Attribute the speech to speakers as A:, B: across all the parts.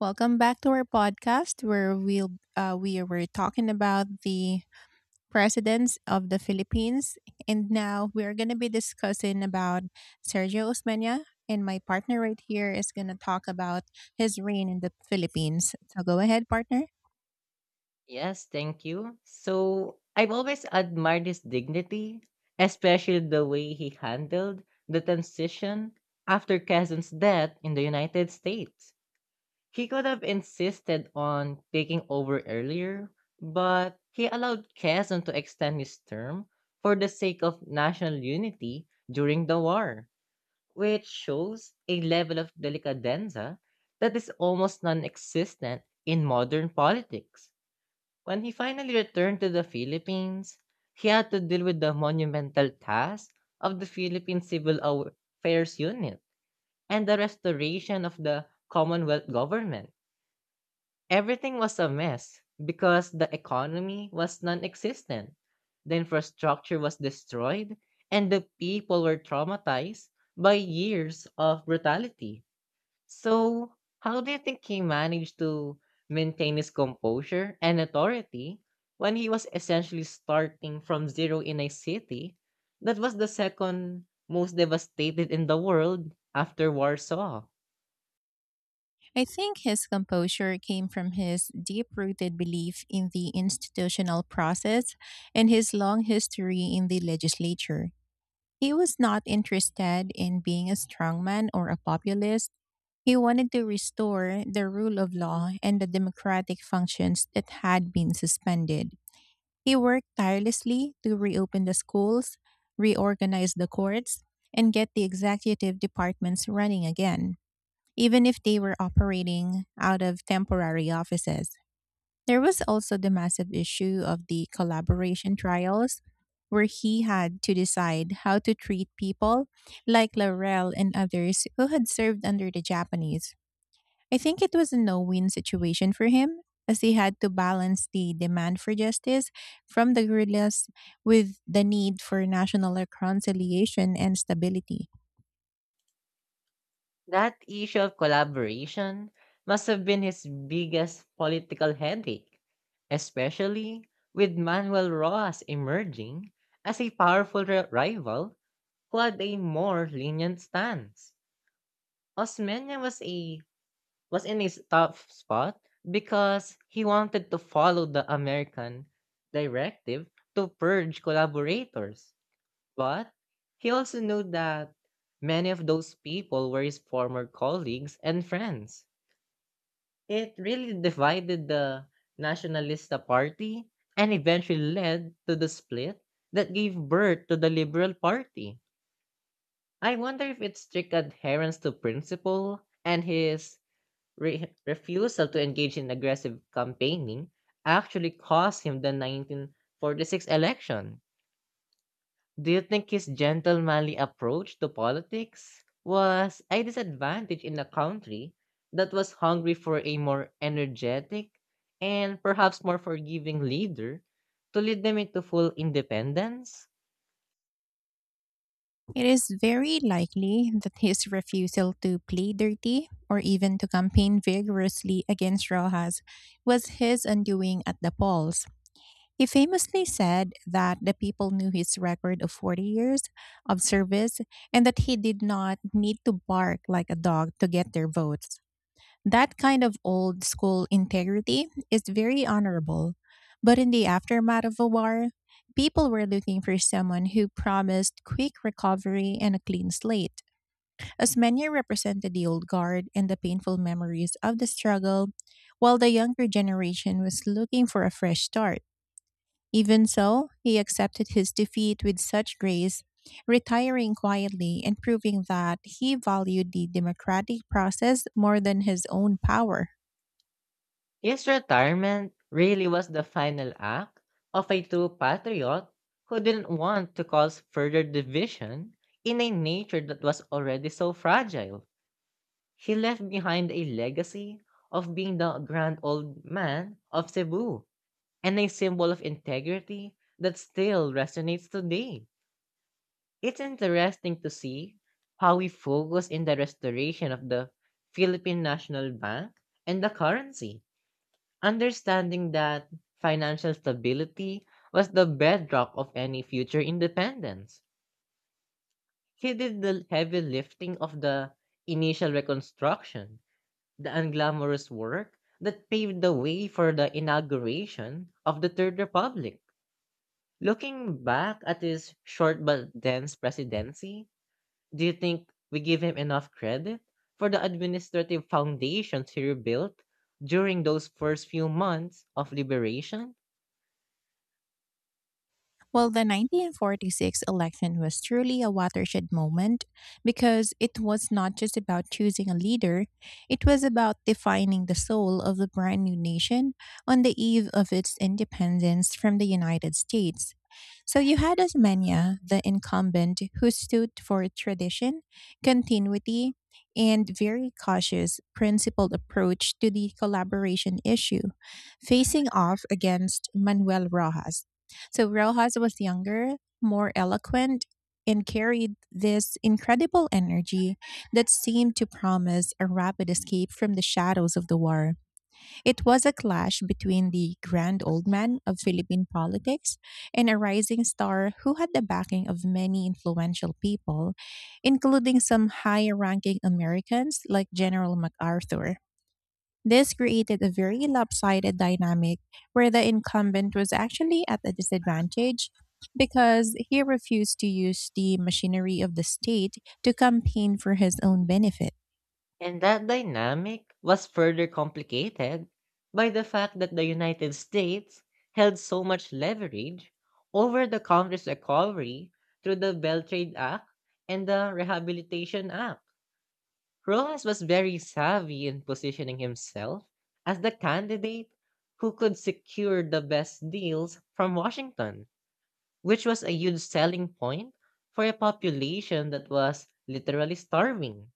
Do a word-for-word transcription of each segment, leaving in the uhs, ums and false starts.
A: Welcome back to our podcast where we'll uh, we were talking about the presidents of the Philippines, and now we're gonna be discussing about Sergio Osmeña. And my partner right here is gonna talk about his reign in the Philippines. So go ahead, partner.
B: Yes, thank you. So I've always admired his dignity, especially the way he handled the transition after Kazan's death in the United States. He could have insisted on taking over earlier, but he allowed Kazan to extend his term for the sake of national unity during the war, which shows a level of delicadenza that is almost non existent in modern politics. When he finally returned to the Philippines, he had to deal with the monumental task of the Philippine Civil Affairs Unit and the restoration of the Commonwealth government. Everything was a mess because the economy was non existent, the infrastructure was destroyed, and the people were traumatized by years of brutality. So, how do you think he managed to maintain his composure and authority when he was essentially starting from zero in a city that was the second most devastated in the world after Warsaw?
A: I think his composure came from his deep-rooted belief in the institutional process and his long history in the legislature. He was not interested in being a strongman or a populist. He wanted to restore the rule of law and the democratic functions that had been suspended. He worked tirelessly to reopen the schools, reorganize the courts, and get the executive departments running again, even if they were operating out of temporary offices. There was also the massive issue of the collaboration trials, where he had to decide how to treat people like Laurel and others who had served under the Japanese. I think it was a no win situation for him, as he had to balance the demand for justice from the guerrillas with the need for national reconciliation and stability.
B: That issue of collaboration must have been his biggest political headache, especially with Manuel Roas emerging as a powerful ri- rival who had a more lenient stance. Osmeña was a was in a s- tough spot because he wanted to follow the American directive to purge collaborators. But he also knew that many of those people were his former colleagues and friends. It really divided the Nationalista Party and eventually led to the split that gave birth to the Liberal Party. I wonder if its strict adherence to principle and his Re refusal to engage in aggressive campaigning actually cost him the nineteen forty-six election. Do you think his gentlemanly approach to politics was a disadvantage in a country that was hungry for a more energetic and perhaps more forgiving leader to lead them into full independence?
A: It is very likely that his refusal to plead dirty or even to campaign vigorously against Rojas was his undoing at the polls. He famously said that the people knew his record of forty years of service and that he did not need to bark like a dog to get their votes. That kind of old school integrity is very honorable. But in the aftermath of a war, people were looking for someone who promised quick recovery and a clean slate. As many represented the old guard and the painful memories of the struggle, while the younger generation was looking for a fresh start. Even so, he accepted his defeat with such grace, retiring quietly and proving that he valued the democratic process more than his own power.
B: His retirement really was the final act of a true patriot who didn't want to cause further division in a nature that was already so fragile. He left behind a legacy of being the grand old man of Cebu and a symbol of integrity that still resonates today. It's interesting to see how we focus in the restoration of the Philippine National Bank and the currency, understanding that financial stability was the bedrock of any future independence. He did the heavy lifting of the initial reconstruction, the unglamorous work that paved the way for the inauguration of the Third Republic. Looking back at his short but dense presidency, do you think we give him enough credit for the administrative foundations he rebuilt during those first few months of liberation?
A: Well, the nineteen forty-six election was truly a watershed moment, because it was not just about choosing a leader. It was about defining the soul of the brand new nation on the eve of its independence from the United States. So you had Osmania, the incumbent, who stood for tradition, continuity, and very cautious, principled approach to the collaboration issue, facing off against Manuel Rojas. So Rojas was younger, more eloquent, and carried this incredible energy that seemed to promise a rapid escape from the shadows of the war. It was a clash between the grand old man of Philippine politics and a rising star who had the backing of many influential people, including some high ranking Americans like General MacArthur. This created a very lopsided dynamic where the incumbent was actually at a disadvantage, because he refused to use the machinery of the state to campaign for his own benefit.
B: And that dynamic was further complicated by the fact that the United States held so much leverage over the country's recovery through the Beltrade Act and the Rehabilitation Act. Rojas was very savvy in positioning himself as the candidate who could secure the best deals from Washington, which was a huge selling point for a population that was literally starving.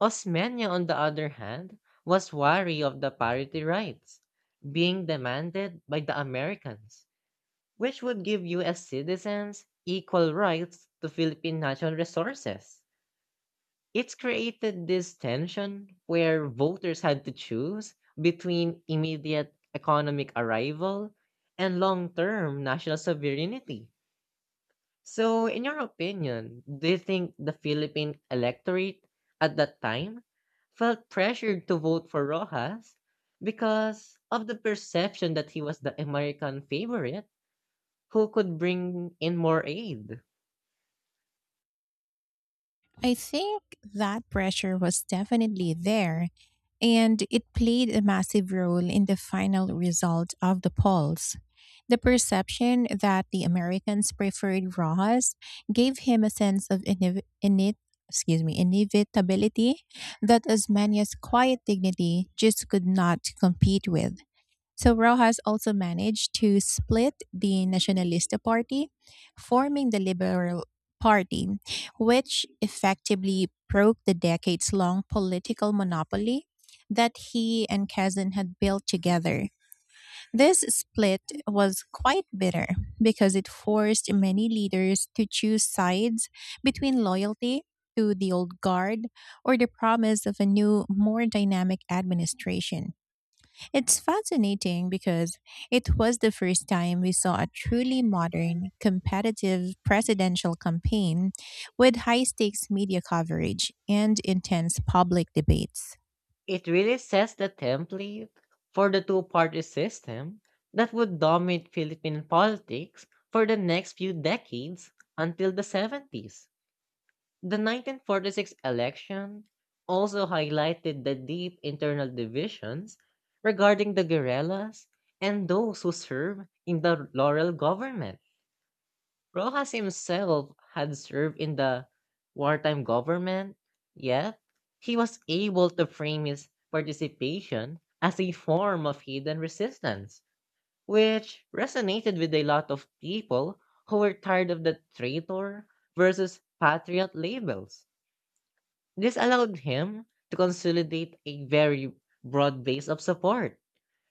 B: Osmeña, on the other hand, was wary of the parity rights being demanded by the Americans, which would give U S citizens equal rights to Philippine natural resources. It's created this tension where voters had to choose between immediate economic arrival and long term national sovereignty. So, in your opinion, do you think the Philippine electorate at that time felt pressured to vote for Rojas because of the perception that he was the American favorite who could bring in more aid?
A: I think that pressure was definitely there, and it played a massive role in the final result of the polls. The perception that the Americans preferred Rojas gave him a sense of inev- init- excuse me, inevitability, that as many as quiet dignity just could not compete with. So Rojas also managed to split the Nacionalista Party, forming the Liberal Party, which effectively broke the decades long political monopoly that he and Kazan had built together. This split was quite bitter, because it forced many leaders to choose sides between loyalty to the old guard or the promise of a new, more dynamic administration. It's fascinating, because it was the first time we saw a truly modern, competitive presidential campaign with high stakes media coverage and intense public debates.
B: It really sets the template for the two party system that would dominate Philippine politics for the next few decades until the seventies. The nineteen forty-six election also highlighted the deep internal divisions regarding the guerrillas and those who serve in the Laurel government. Rojas himself had served in the wartime government, yet he was able to frame his participation as a form of hidden resistance, which resonated with a lot of people who were tired of the traitor versus patriot labels. This allowed him to consolidate a very broad base of support,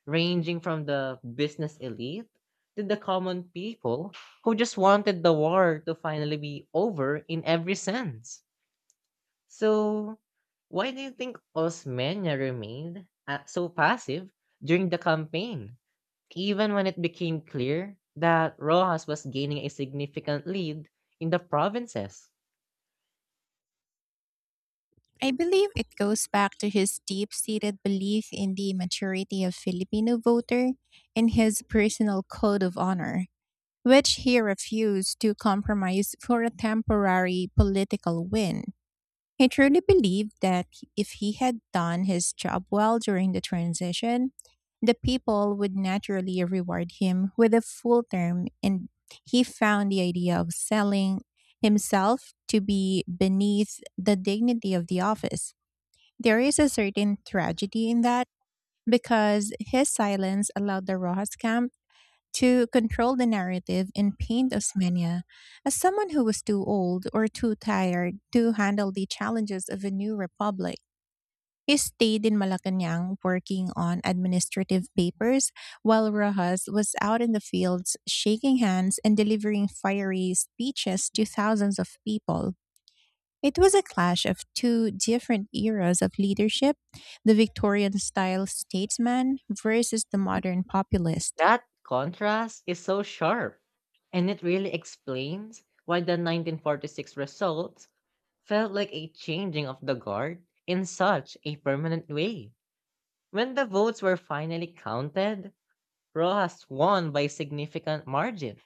B: ranging from the business elite to the common people who just wanted the war to finally be over in every sense. So, why do you think Osmeña remained uh, so passive during the campaign, even when it became clear that Rojas was gaining a significant lead in the provinces?
A: I believe it goes back to his deep seated belief in the maturity of Filipino voter and his personal code of honor, which he refused to compromise for a temporary political win. He truly believed that if he had done his job well during the transition, the people would naturally reward him with a full term, and he found the idea of selling himself to be beneath the dignity of the office. There is a certain tragedy in that, because his silence allowed the Rojas camp to control the narrative and paint Osmania as someone who was too old or too tired to handle the challenges of a new republic. He stayed in Malacanang working on administrative papers while Rojas was out in the fields shaking hands and delivering fiery speeches to thousands of people. It was a clash of two different eras of leadership, the Victorian style statesman versus the modern populist.
B: That contrast is so sharp, and it really explains why the nineteen forty-six results felt like a changing of the guard in such a permanent way. When the votes were finally counted, Rojas won by significant margin,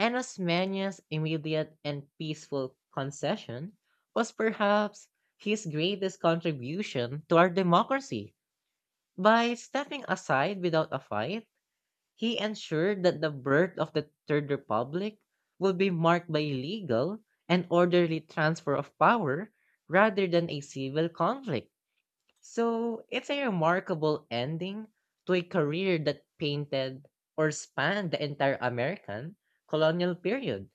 B: and Osmania's immediate and peaceful concession was perhaps his greatest contribution to our democracy. By stepping aside without a fight, he ensured that the birth of the Third Republic would be marked by legal and orderly transfer of power rather than a civil conflict. So it's a remarkable ending to a career that painted or spanned the entire American colonial period,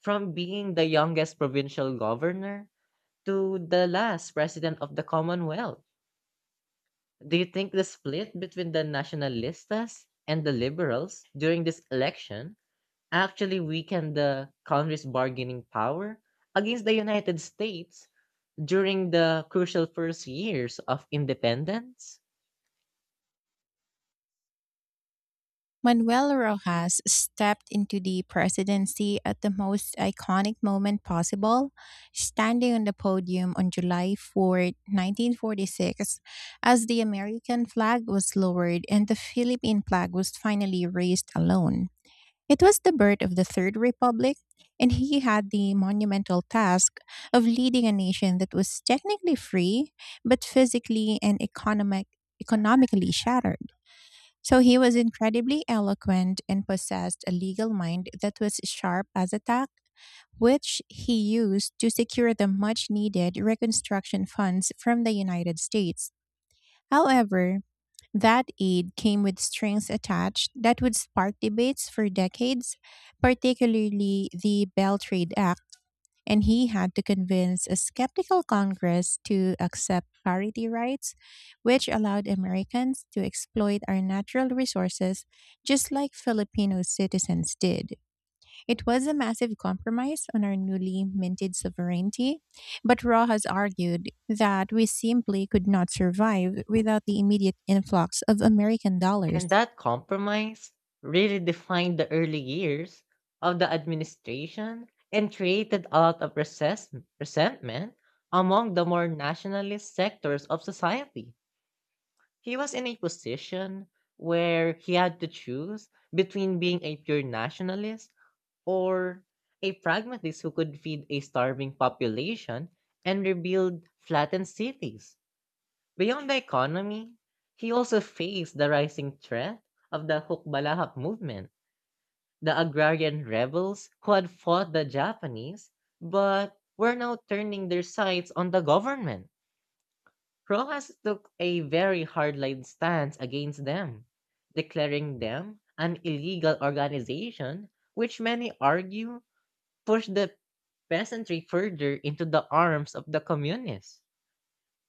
B: from being the youngest provincial governor to the last president of the Commonwealth. Do you think the split between the nationalistas and the liberals during this election actually weakened the Congress' bargaining power against the United States during the crucial first years of independence?
A: Manuel Rojas stepped into the presidency at the most iconic moment possible, standing on the podium on July four, nineteen forty-six, as the American flag was lowered and the Philippine flag was finally raised alone. It was the birth of the Third Republic, and he had the monumental task of leading a nation that was technically free, but physically and economic, economically shattered. So he was incredibly eloquent and possessed a legal mind that was sharp as a tack, which he used to secure the much needed reconstruction funds from the United States. However, that aid came with strings attached that would spark debates for decades, particularly the Bell Trade Act, and he had to convince a skeptical Congress to accept parity rights, which allowed Americans to exploit our natural resources just like Filipino citizens did. It was a massive compromise on our newly minted sovereignty, but Raw has argued that we simply could not survive without the immediate influx of American dollars.
B: And that compromise really defined the early years of the administration and created a lot of resess- resentment among the more nationalist sectors of society. He was in a position where he had to choose between being a pure nationalist or a pragmatist who could feed a starving population and rebuild flattened cities. Beyond the economy, he also faced the rising threat of the Hukbalahap movement, the agrarian rebels who had fought the Japanese but were now turning their sights on the government. Rojas took a very hardline stance against them, declaring them an illegal organization, which many argue pushed the peasantry further into the arms of the communists.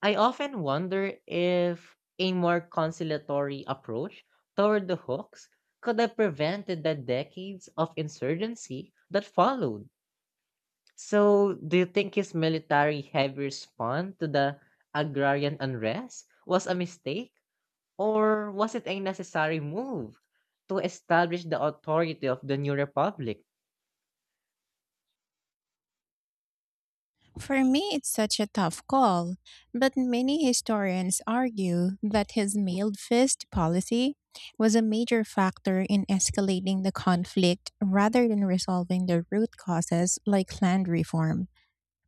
B: I often wonder if a more conciliatory approach toward the hooks could have prevented the decades of insurgency that followed. So, do you think his military heavy response to the agrarian unrest was a mistake, or was it a necessary move to establish the authority of the new republic?
A: For me, it's such a tough call, but many historians argue that his mailed fist policy was a major factor in escalating the conflict rather than resolving the root causes like land reform.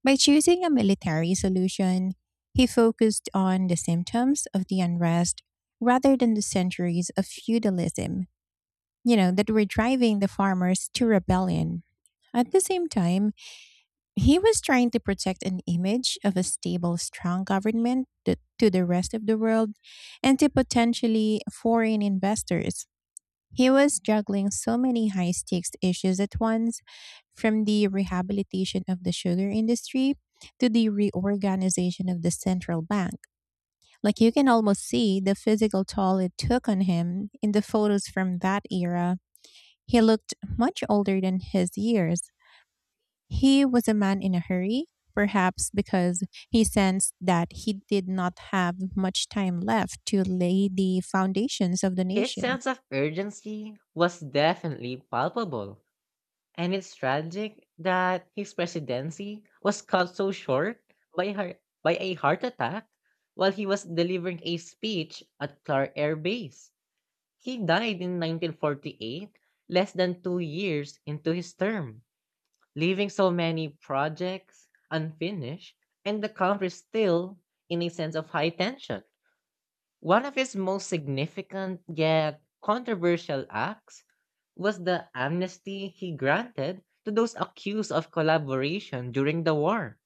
A: By choosing a military solution, he focused on the symptoms of the unrest rather than the centuries of feudalism, you know, that were driving the farmers to rebellion. At the same time, he was trying to protect an image of a stable, strong government th- to the rest of the world and to potentially foreign investors. He was juggling so many high stakes issues at once, from the rehabilitation of the sugar industry to the reorganization of the central bank. Like, you can almost see the physical toll it took on him in the photos from that era. He looked much older than his years. He was a man in a hurry, perhaps because he sensed that he did not have much time left to lay the foundations of the
B: His
A: nation.
B: sense of urgency was definitely palpable. And it's tragic that his presidency was cut so short by her by a heart attack while he was delivering a speech at Clark Air Base. He died in nineteen forty-eight, less than two years into his term, leaving so many projects unfinished and the country still in a sense of high tension. One of his most significant yet controversial acts was the amnesty he granted to those accused of collaboration during the war,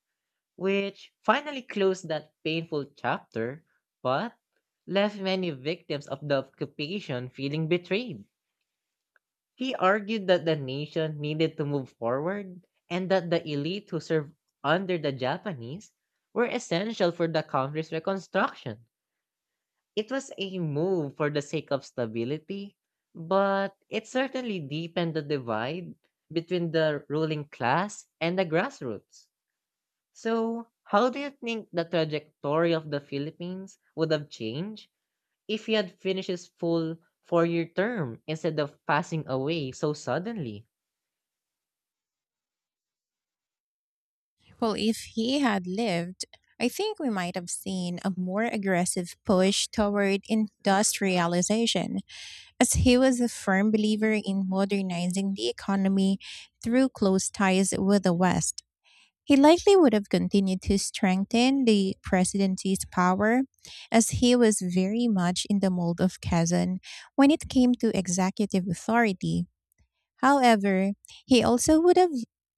B: which finally closed that painful chapter but left many victims of the occupation feeling betrayed. He argued that the nation needed to move forward and that the elite who served under the Japanese were essential for the country's reconstruction. It was a move for the sake of stability, but it certainly deepened the divide between the ruling class and the grassroots. So, how do you think the trajectory of the Philippines would have changed if he had finished his full four year term instead of passing away so suddenly?
A: Well, if he had lived, I think we might have seen a more aggressive push toward industrialization, as he was a firm believer in modernizing the economy through close ties with the West. He likely would have continued to strengthen the presidency's power, as he was very much in the mold of Kazan when it came to executive authority. However, he also would have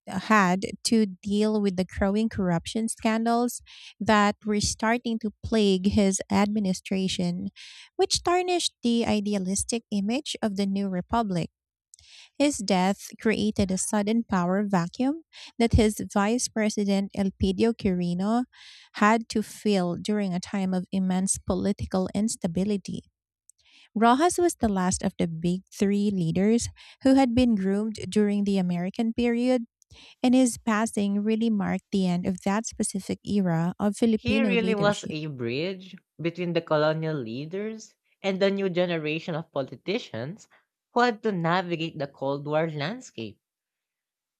A: had to deal with the growing corruption scandals that were starting to plague his administration, which tarnished the idealistic image of the new republic. His death created a sudden power vacuum that his vice president Elpidio Quirino had to fill during a time of immense political instability. Rojas was the last of the big three leaders who had been groomed during the American period, and his passing really marked the end of that specific era of
B: He
A: Filipino
B: really was
A: leadership.
B: a bridge between the colonial leaders and the new generation of politicians who had to navigate the Cold War landscape.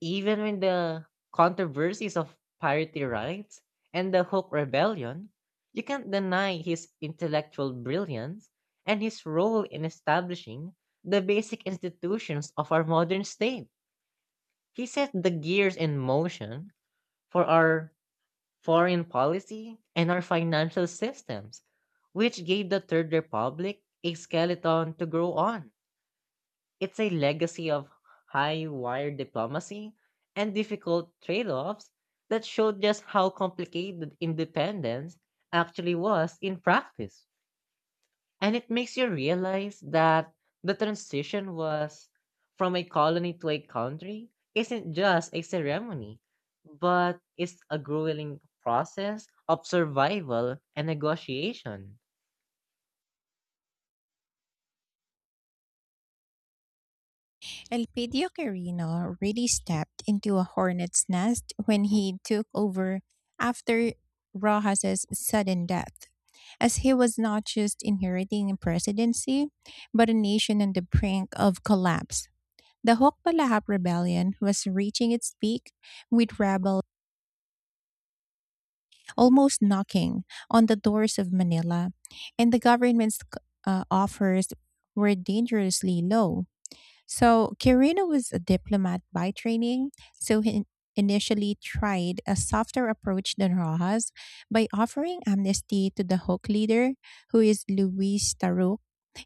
B: Even when the controversies of parity rights and the Hook Rebellion, you can't deny his intellectual brilliance and his role in establishing the basic institutions of our modern state. He set the gears in motion for our foreign policy and our financial systems, which gave the Third Republic a skeleton to grow on. It's a legacy of high wire diplomacy and difficult trade offs that showed just how complicated independence actually was in practice. And it makes you realize that the transition was from a colony to a country isn't just a ceremony, but it's a grueling process of survival and negotiation.
A: Elpidio Quirino really stepped into a hornet's nest when he took over after Rojas' sudden death, as he was not just inheriting a presidency, but a nation on the brink of collapse. The Hokbalahap rebellion was reaching its peak, with rebels almost knocking on the doors of Manila, and the government's uh, offers were dangerously low. So Quirino was a diplomat by training, so he initially tried a softer approach than Rojas by offering amnesty to the Hawk leader, who is Luis Taruk,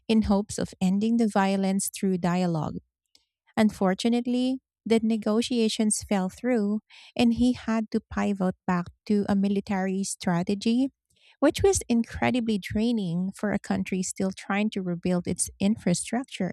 A: in hopes of ending the violence through dialogue. Unfortunately, the negotiations fell through, and he had to pivot back to a military strategy, which was incredibly draining for a country still trying to rebuild its infrastructure.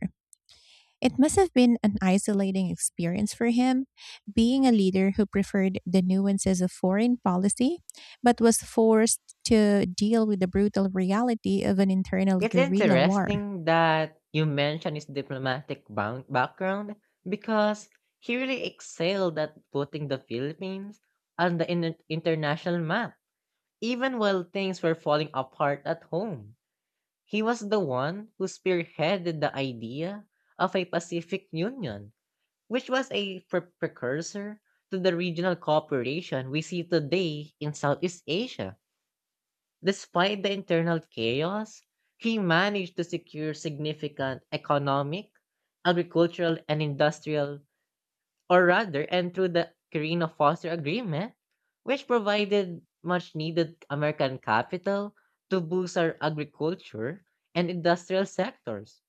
A: It must have been an isolating experience for him, being a leader who preferred the nuances of foreign policy, but was forced to deal with the brutal reality of an internal
B: It's
A: guerrilla war.
B: interesting that you mention his diplomatic bound background because he really excelled at putting the Philippines on the in- international map, even while things were falling apart at home. He was the one who spearheaded the idea of a Pacific Union, which was a pre- precursor to the regional cooperation we see today in Southeast Asia. Despite the internal chaos, he managed to secure significant economic, agricultural, and industrial, or rather, and through the Carino Foster Agreement, which provided much needed American capital to boost our agriculture and industrial sectors.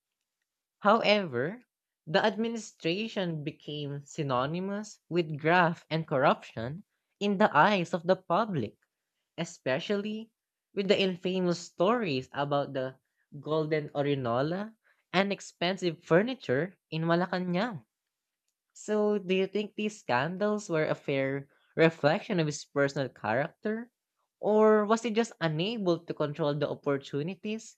B: However, the administration became synonymous with graft and corruption in the eyes of the public, especially with the infamous stories about the golden Orinola and expensive furniture in Malacanang. So, do you think these scandals were a fair reflection of his personal character? Or was he just unable to control the opportunities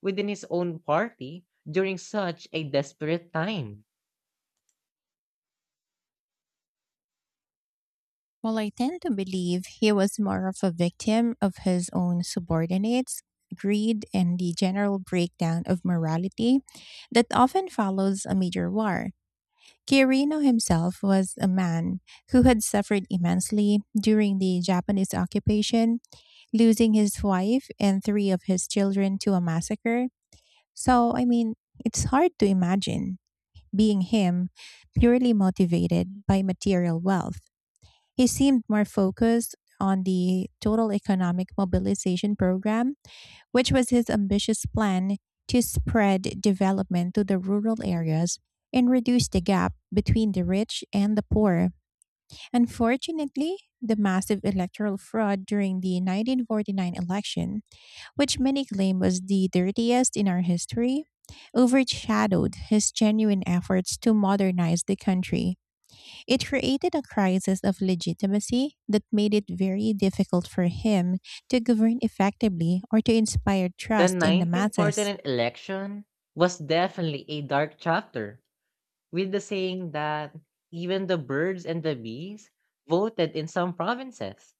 B: within his own party during such a desperate time?
A: While I tend to believe he was more of a victim of his own subordinates, greed, and the general breakdown of morality that often follows a major war. Kirino himself was a man who had suffered immensely during the Japanese occupation, losing his wife and three of his children to a massacre. So, I mean, it's hard to imagine being him purely motivated by material wealth. He seemed more focused on the total economic mobilization program, which was his ambitious plan to spread development to the rural areas and reduce the gap between the rich and the poor. Unfortunately, the massive electoral fraud during the nineteen forty-nine election, which many claim was the dirtiest in our history, overshadowed his genuine efforts to modernize the country. It created a crisis of legitimacy that made it very difficult for him to govern effectively or to inspire
B: The
A: trust in the masses.
B: nineteen forty-nine election was definitely a dark chapter with the saying that even the birds and the bees voted in some provinces,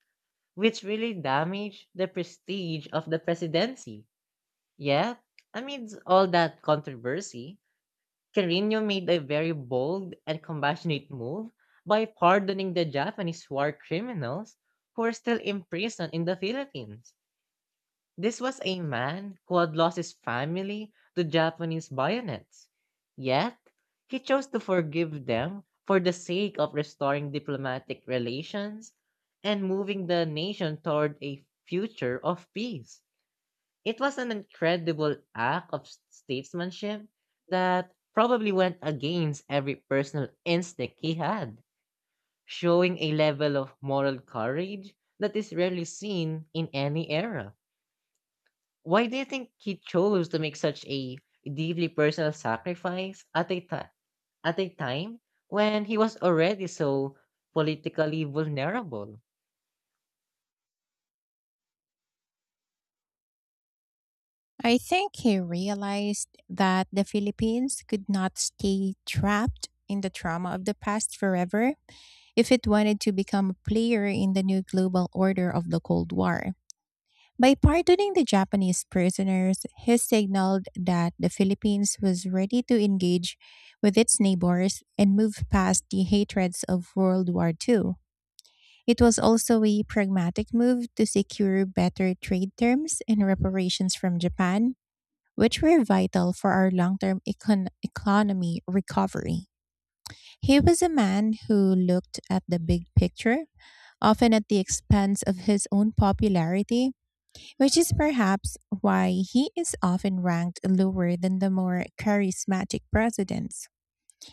B: which really damaged the prestige of the presidency. Yet, amidst all that controversy, Carino made a very bold and compassionate move by pardoning the Japanese war criminals who are still imprisoned in the Philippines. This was a man who had lost his family to Japanese bayonets. Yet, he chose to forgive them for the sake of restoring diplomatic relations and moving the nation toward a future of peace. It was an incredible act of statesmanship that probably went against every personal instinct he had, showing a level of moral courage that is rarely seen in any era. Why do you think he chose to make such a deeply personal sacrifice at a ti- at a time when he was already so politically vulnerable?
A: I think he realized that the Philippines could not stay trapped in the trauma of the past forever if it wanted to become a player in the new global order of the Cold War. By pardoning the Japanese prisoners, he signaled that the Philippines was ready to engage with its neighbors and move past the hatreds of World War two. It was also a pragmatic move to secure better trade terms and reparations from Japan, which were vital for our long term econ- economy recovery. He was a man who looked at the big picture, often at the expense of his own popularity, which is perhaps why he is often ranked lower than the more charismatic presidents.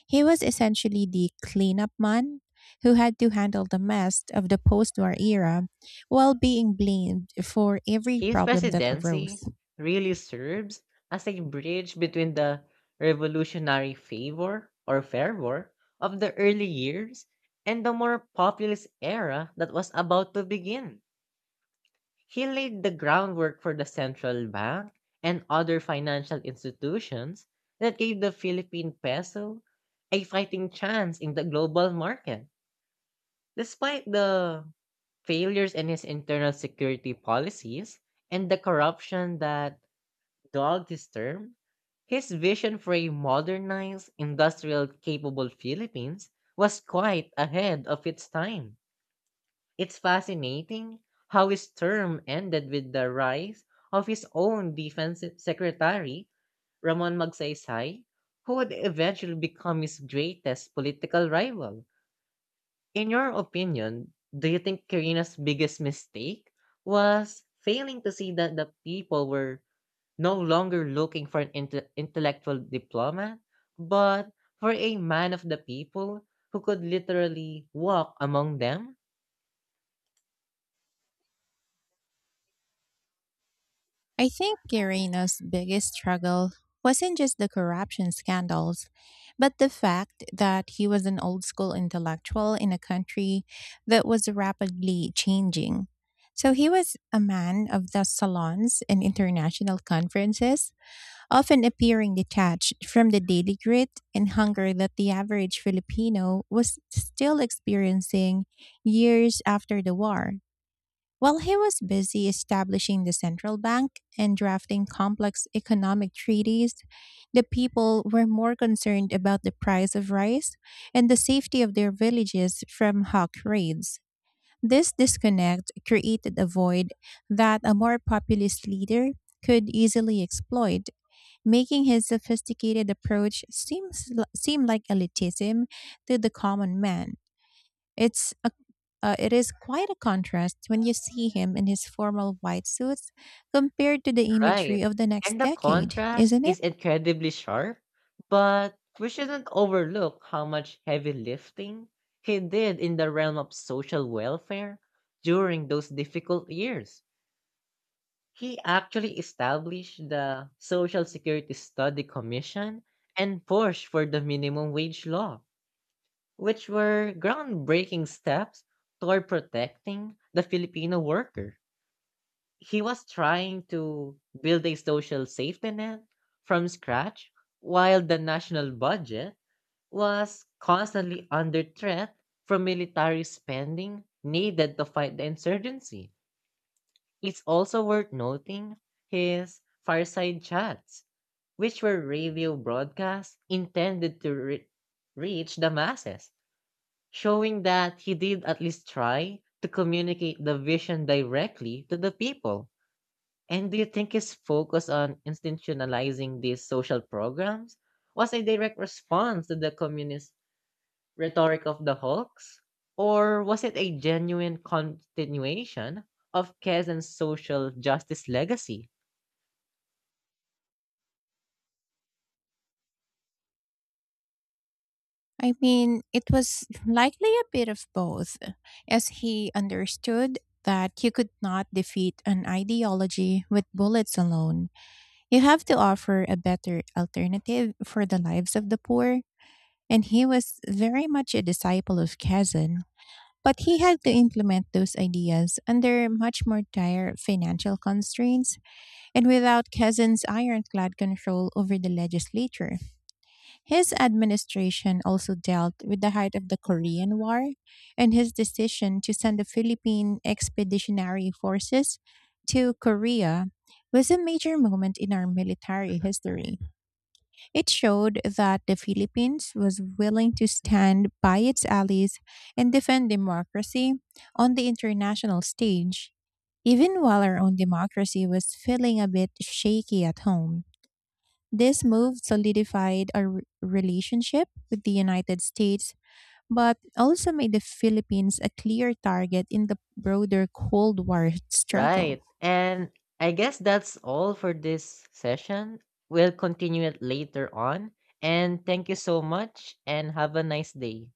A: He was essentially the cleanup man who had to handle the mess of the post war era while being blamed for every
B: His
A: problem that arose.
B: presidency really serves as a bridge between the revolutionary favor or fervor of the early years and the more populist era that was about to begin. He laid the groundwork for the central bank and other financial institutions that gave the Philippine peso a fighting chance in the global market. Despite the failures in his internal security policies and the corruption that dogged his term, his vision for a modernized, industrial capable Philippines was quite ahead of its time. It's fascinating how his term ended with the rise of his own defense secretary, Ramon Magsaysay, who would eventually become his greatest political rival. In your opinion, do you think Carina's biggest mistake was failing to see that the people were no longer looking for an inte- intellectual diplomat, but for a man of the people who could literally walk among them?
A: I think Guerreno's biggest struggle wasn't just the corruption scandals, but the fact that he was an old school intellectual in a country that was rapidly changing. So he was a man of the salons and international conferences, often appearing detached from the daily grit and hunger that the average Filipino was still experiencing years after the war. While he was busy establishing the central bank and drafting complex economic treaties, the people were more concerned about the price of rice and the safety of their villages from hawk raids. This disconnect created a void that a more populist leader could easily exploit, making his sophisticated approach seem, seem like elitism to the common man. It's a, uh, it is quite a contrast when you see him in his formal white suits compared to the imagery
B: Right.
A: of the next
B: And the
A: decade,
B: contrast
A: isn't it?
B: is incredibly sharp, but we shouldn't overlook how much heavy lifting he did in the realm of social welfare during those difficult years. He actually established the Social Security Study Commission and pushed for the minimum wage law, which were groundbreaking steps toward protecting the Filipino worker. He was trying to build a social safety net from scratch while the national budget was constantly under threat from military spending needed to fight the insurgency. It's also worth noting his fireside chats, which were radio broadcasts intended to re- reach the masses, showing that he did at least try to communicate the vision directly to the people. And do you think his focus on institutionalizing these social programs was a direct response to the communist rhetoric of the Hulks? Or was it a genuine continuation of Kazan's social justice legacy?
A: I mean, it was likely a bit of both, as he understood that you could not defeat an ideology with bullets alone. You have to offer a better alternative for the lives of the poor. And he was very much a disciple of Kazan, but he had to implement those ideas under much more dire financial constraints and without Kazin's ironclad control over the legislature. His administration also dealt with the height of the Korean War, and his decision to send the Philippine Expeditionary Forces to Korea was a major moment in our military history. It showed that the Philippines was willing to stand by its allies and defend democracy on the international stage. Even while our own democracy was feeling a bit shaky at home, this move solidified our re- relationship with the United States, but also made the Philippines a clear target in the broader Cold War struggle.
B: Right. And I guess that's all for this session. We'll continue it later on. And thank you so much and have a nice day.